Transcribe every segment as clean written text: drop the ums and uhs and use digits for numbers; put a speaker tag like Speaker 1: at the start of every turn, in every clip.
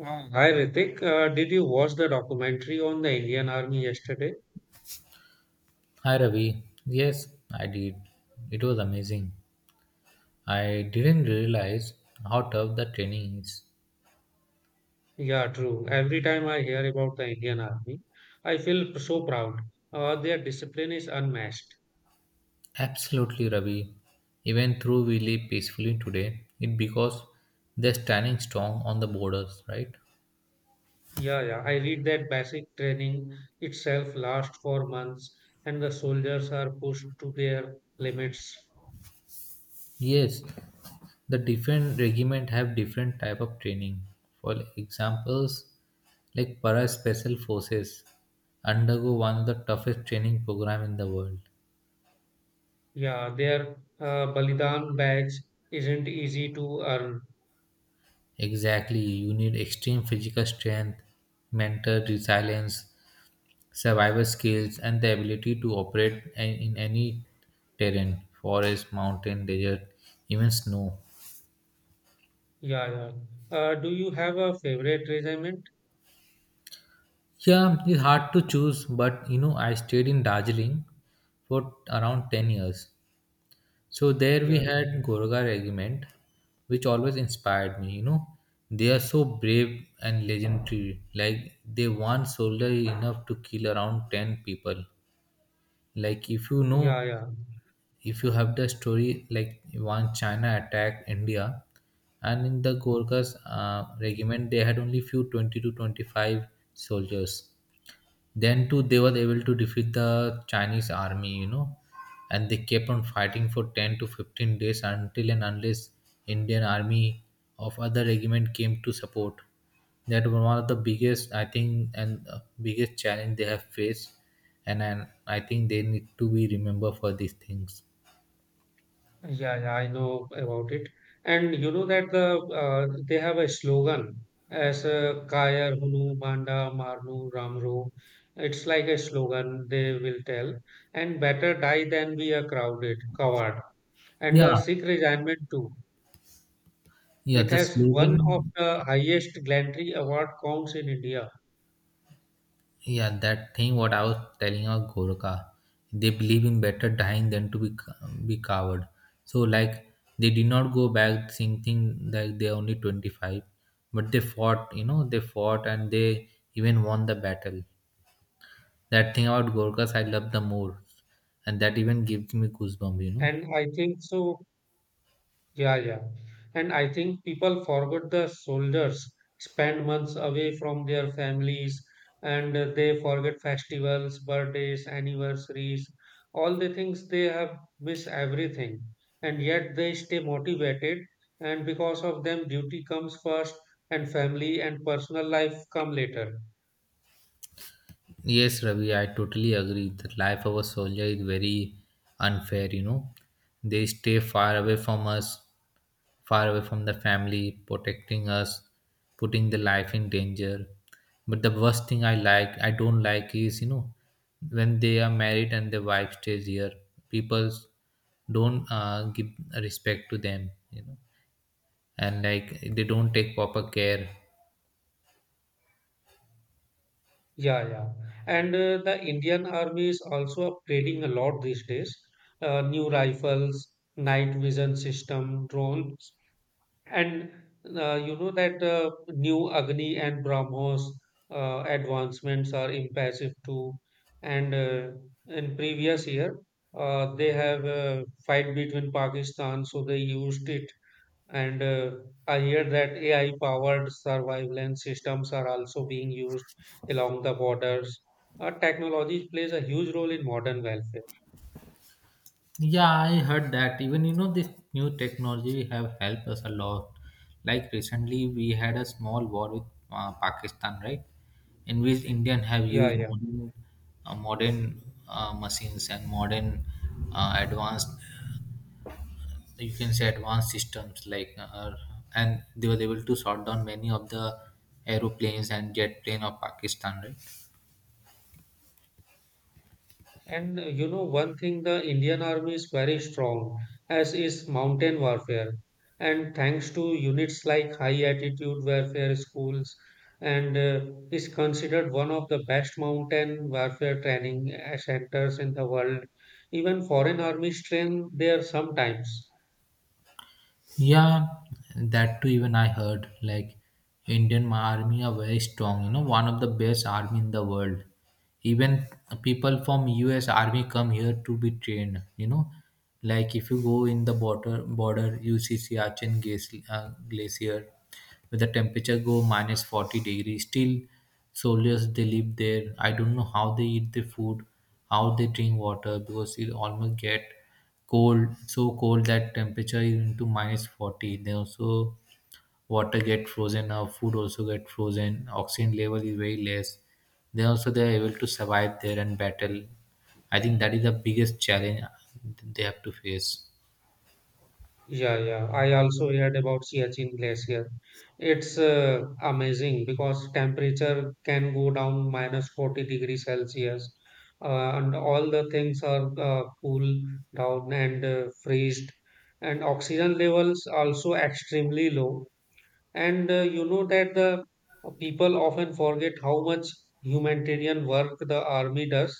Speaker 1: Hi Ritik, did you watch the documentary on the Indian Army yesterday?
Speaker 2: Hi Ravi. Yes, I did. It was amazing. I didn't realize how tough the training is.
Speaker 1: Yeah, true. Every time I hear about the Indian Army, I feel so proud. Their discipline is unmatched.
Speaker 2: Absolutely, Ravi. Even though we live peacefully today, it because they're standing strong on the borders, right?
Speaker 1: Yeah, yeah. I read that basic training itself lasts for months, and the soldiers are pushed to their limits.
Speaker 2: Yes, the different regiment have different type of training. For examples, like para special forces undergo one of the toughest training program in the world.
Speaker 1: Yeah, their Balidan badge isn't easy to earn.
Speaker 2: Exactly. You need extreme physical strength, mental resilience, survival skills, and the ability to operate in any terrain forest, mountain, desert, even snow.
Speaker 1: Yeah, yeah. Do you have a favorite regiment?
Speaker 2: Yeah, it's hard to choose, but I stayed in Darjeeling for around 10 years. So there we
Speaker 1: Yeah,
Speaker 2: had Gorga regiment, which always inspired me. They are so brave and legendary. Like, they one soldier enough to kill around 10 people like if you
Speaker 1: yeah, yeah,
Speaker 2: know
Speaker 1: yeah.
Speaker 2: if you have the story like one china attacked india, and in the gorkhas regiment they had only few 20 to 25 soldiers. Then too they were able to defeat the chinese army. And they kept on fighting for 10 to 15 days until and unless indian army of other regiment came to support. That was one of the biggest I think, and biggest challenge they have faced. And I think they need to be remembered for these things.
Speaker 1: Yeah, yeah, I know about it. And you know that they have a slogan as Kayar Hunu Banda Marnu Ramru. It's like a slogan they will tell. And better die than be a crowded coward. And the
Speaker 2: Yeah,
Speaker 1: Sikh regiment too.
Speaker 2: yeah,
Speaker 1: It
Speaker 2: the
Speaker 1: has one of
Speaker 2: slogan.
Speaker 1: the highest gallantry award counts in India.
Speaker 2: Yeah, that thing what I was telling about Gorkha, they believe in better dying than to be coward. So like they did not go back thinking that they are only 25, but they fought. They fought and they even won the battle. That thing about Gorkhas I love the more, and that even gives me goosebumps.
Speaker 1: And I think so. Yeah, yeah. And I think people forgot the soldiers spend months away from their families and they forget festivals, birthdays, anniversaries, all the things they have missed everything. And yet they stay motivated. And because of them, duty comes first and family and personal life come later.
Speaker 2: Yes, Ravi, I totally agree. The life of a soldier is very unfair. They stay far away from us far away from the family, protecting us, putting the life in danger. But the worst thing I don't like is, when they are married and their wife stays here, people don't give respect to them, and like they don't take proper care.
Speaker 1: Yeah, yeah. And the Indian Army is also upgrading a lot these days. New rifles, night vision system, drones, and you know that new Agni and BrahMos advancements are impressive too. And in previous year, they have a fight between Pakistan, so they used it. And I hear that AI-powered surveillance systems are also being used along the borders. Technology plays a huge role in modern welfare.
Speaker 2: Yeah, I heard that. Even this new technology have helped us a lot. Like recently, we had a small war with Pakistan, right? In which Indian have
Speaker 1: Yeah,
Speaker 2: used
Speaker 1: yeah.
Speaker 2: modern machines and modern advanced, you can say advanced systems. Like, and they were able to shot down many of the aeroplanes and jet plane of Pakistan, right?
Speaker 1: And you know, one thing the Indian Army is very strong, as is mountain warfare. And thanks to units like high altitude warfare schools, and is considered one of the best mountain warfare training centers in the world. Even foreign armies train there sometimes.
Speaker 2: Yeah, that too. Even I heard like Indian army are very strong. One of the best army in the world. Even people from U.S. army come here to be trained. Like if you go in the border you see Siachen glacier where the temperature go minus 40 degree. Still, soldiers they live there. I don't know how they eat the food, how they drink water because it almost get cold, so cold that temperature is into minus 40. Then also water get frozen, our food also get frozen, oxygen level is very less. Then also they are able to survive there and battle. I think that is the biggest challenge they have to face.
Speaker 1: Yeah, yeah. I also heard about Siachen Glacier. It's amazing because temperature can go down minus 40 degrees Celsius, and all the things are cool down and freezed, and oxygen levels also extremely low. And you know that the people often forget how much humanitarian work the army does.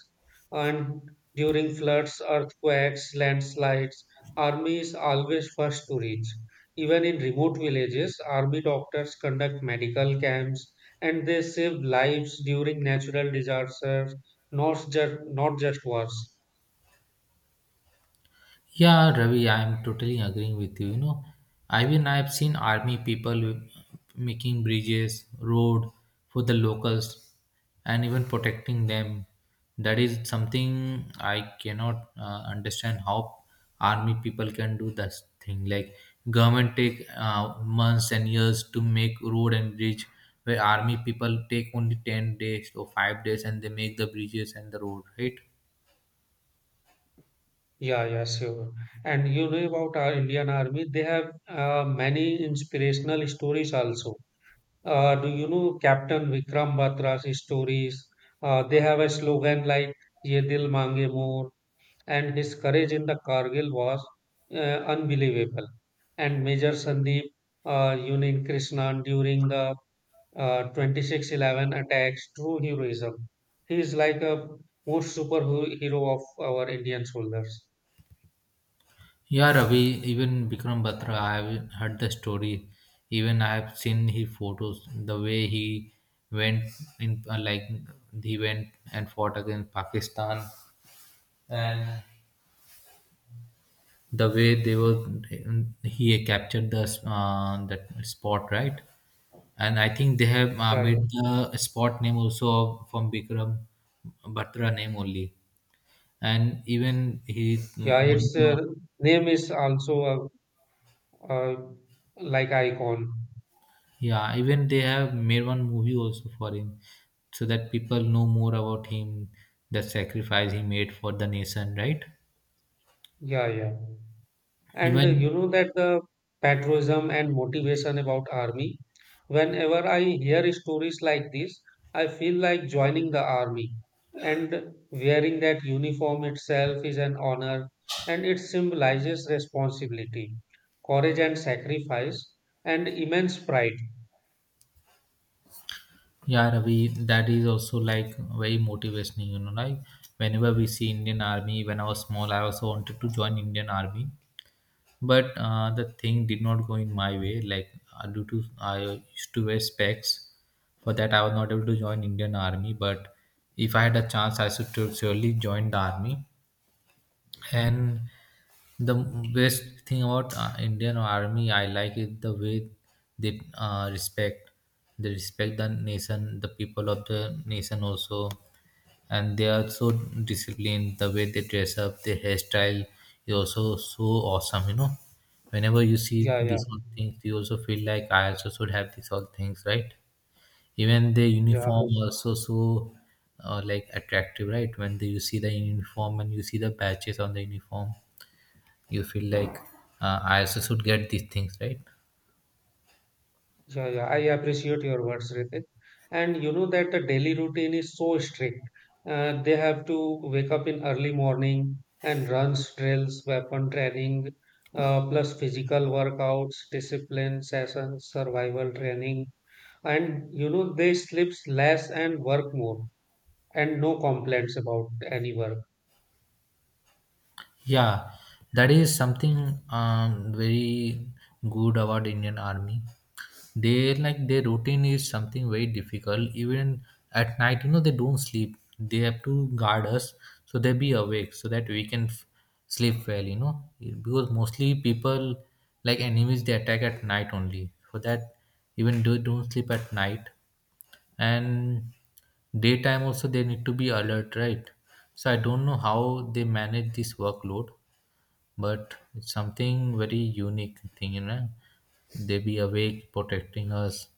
Speaker 1: And during floods, earthquakes, landslides, army is always first to reach. Even in remote villages, army doctors conduct medical camps and they save lives during natural disasters, not just wars.
Speaker 2: Yeah, Ravi, I'm totally agreeing with you. I've seen army people making bridges, road for the locals, and even protecting them. That is something I cannot understand how army people can do that thing. Like government take months and years to make road and bridge, where army people take only 10 days or 5 days, and they make the bridges and the road, right?
Speaker 1: Yeah, yeah, sure. And you know about our Indian army, they have many inspirational stories also. Do you know Captain Vikram Batra's stories? They have a slogan like "Ye Dil Mange More," and his courage in the Kargil was uh, unbelievable. And Major Sandeep Unin Krishnan during the 26/11 attacks, true heroism. He is like a most superhero of our Indian soldiers.
Speaker 2: Yeah, Ravi, even Bikram Batra, I have heard the story. Even I have seen his photos, the way he went in, like, he went and fought against Pakistan, and the way they were, he captured that spot, right? And I think they have
Speaker 1: Yeah,
Speaker 2: made
Speaker 1: yeah,
Speaker 2: the spot name also from Bikram Batra name only. And even he,
Speaker 1: yeah. Its name is also a like icon.
Speaker 2: Yeah, even they have made one movie also for him so that people know more about him, the sacrifice he made for the nation, right?
Speaker 1: Yeah, yeah. And
Speaker 2: Even
Speaker 1: you know that the patriotism and motivation about army. Whenever I hear stories like this, I feel like joining the army. And wearing that uniform itself is an honor and it symbolizes responsibility, courage and sacrifice and immense pride.
Speaker 2: Yeah, Ravi, that is also like very motivational, like whenever we see Indian Army, when I was small, I also wanted to join Indian Army. But the thing did not go in my way. Like due to I used to wear specs, for that I was not able to join Indian Army. But if I had a chance, I should surely join the army. And the best thing about Indian Army, I like it the way they uh, respect, they respect the nation, the people of the nation also, and they are so disciplined. The way they dress up, their hairstyle is also so awesome. Whenever you see
Speaker 1: Yeah, yeah,
Speaker 2: these all things, you also feel like I also should have these all things, right? Even the
Speaker 1: yeah.
Speaker 2: uniform also so like attractive, right? When you see the uniform and you see the patches on the uniform you feel like I also should get these things, right?
Speaker 1: Yeah, yeah, I appreciate your words, Ritik. And you know that the daily routine is so strict. They have to wake up in early morning and runs, drills, weapon training, plus physical workouts, discipline sessions, survival training. And you know they sleeps less and work more, and no complaints about any work.
Speaker 2: Yeah, that is something very good about indian army. They like their routine is something very difficult even at night. They don't sleep, they have to guard us, so they be awake so that we can sleep well. Because mostly people like enemies they attack at night only. For that even they don't sleep at night, and daytime also they need to be alert, right? So I don't know how they manage this workload, but it's something very unique thing. They be awake protecting us.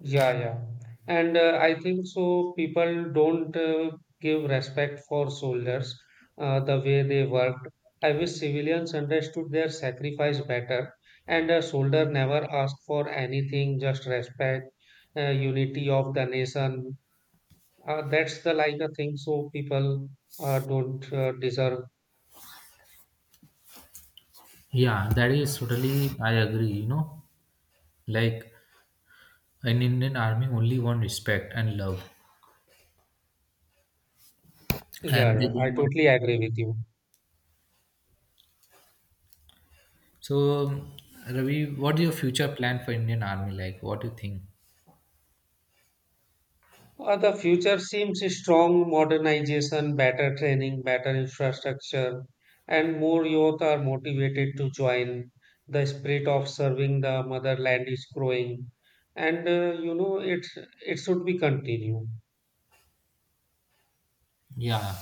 Speaker 1: Yeah, yeah. And I think so people don't give respect for soldiers the way they worked. I wish civilians understood their sacrifice better. And a soldier never asked for anything, just respect, unity of the nation. That's the like a thing so people don't deserve.
Speaker 2: Yeah, that is totally I agree, like in indian army only want respect and love,
Speaker 1: Yeah,
Speaker 2: and they
Speaker 1: yeah, I
Speaker 2: don't want.
Speaker 1: totally agree with you.
Speaker 2: So Ravi, what is your future plan for indian army, like what do you think?
Speaker 1: The future seems strong modernization, better training, better infrastructure, and more youth are motivated to join. The spirit of serving the motherland is growing, and you know it should be continued.
Speaker 2: Yeah.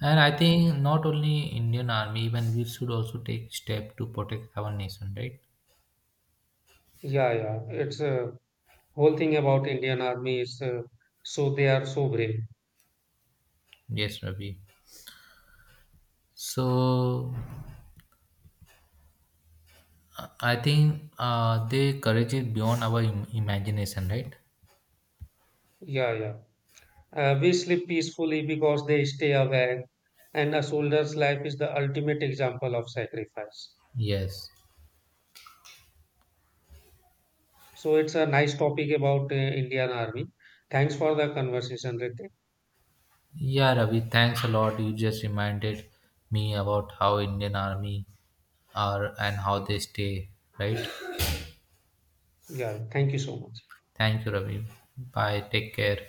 Speaker 2: And I think not only Indian Army, even we should also take step to protect our nation, right?
Speaker 1: Yeah, yeah, it's whole thing about Indian Army is so they are so brave.
Speaker 2: Yes, Ravi. So I think they courage is beyond our imagination, right?
Speaker 1: Yeah, yeah. We sleep peacefully because they stay awake, and a soldier's life is the ultimate example of sacrifice.
Speaker 2: Yes.
Speaker 1: So it's a nice topic about Indian Army. Thanks for the conversation, Ritik.
Speaker 2: Yeah, Ravi. Thanks a lot. You just reminded me about how Indian Army are and how they stay, right?
Speaker 1: Yeah, thank you so much.
Speaker 2: Thank you, Ravi. Bye. Take care.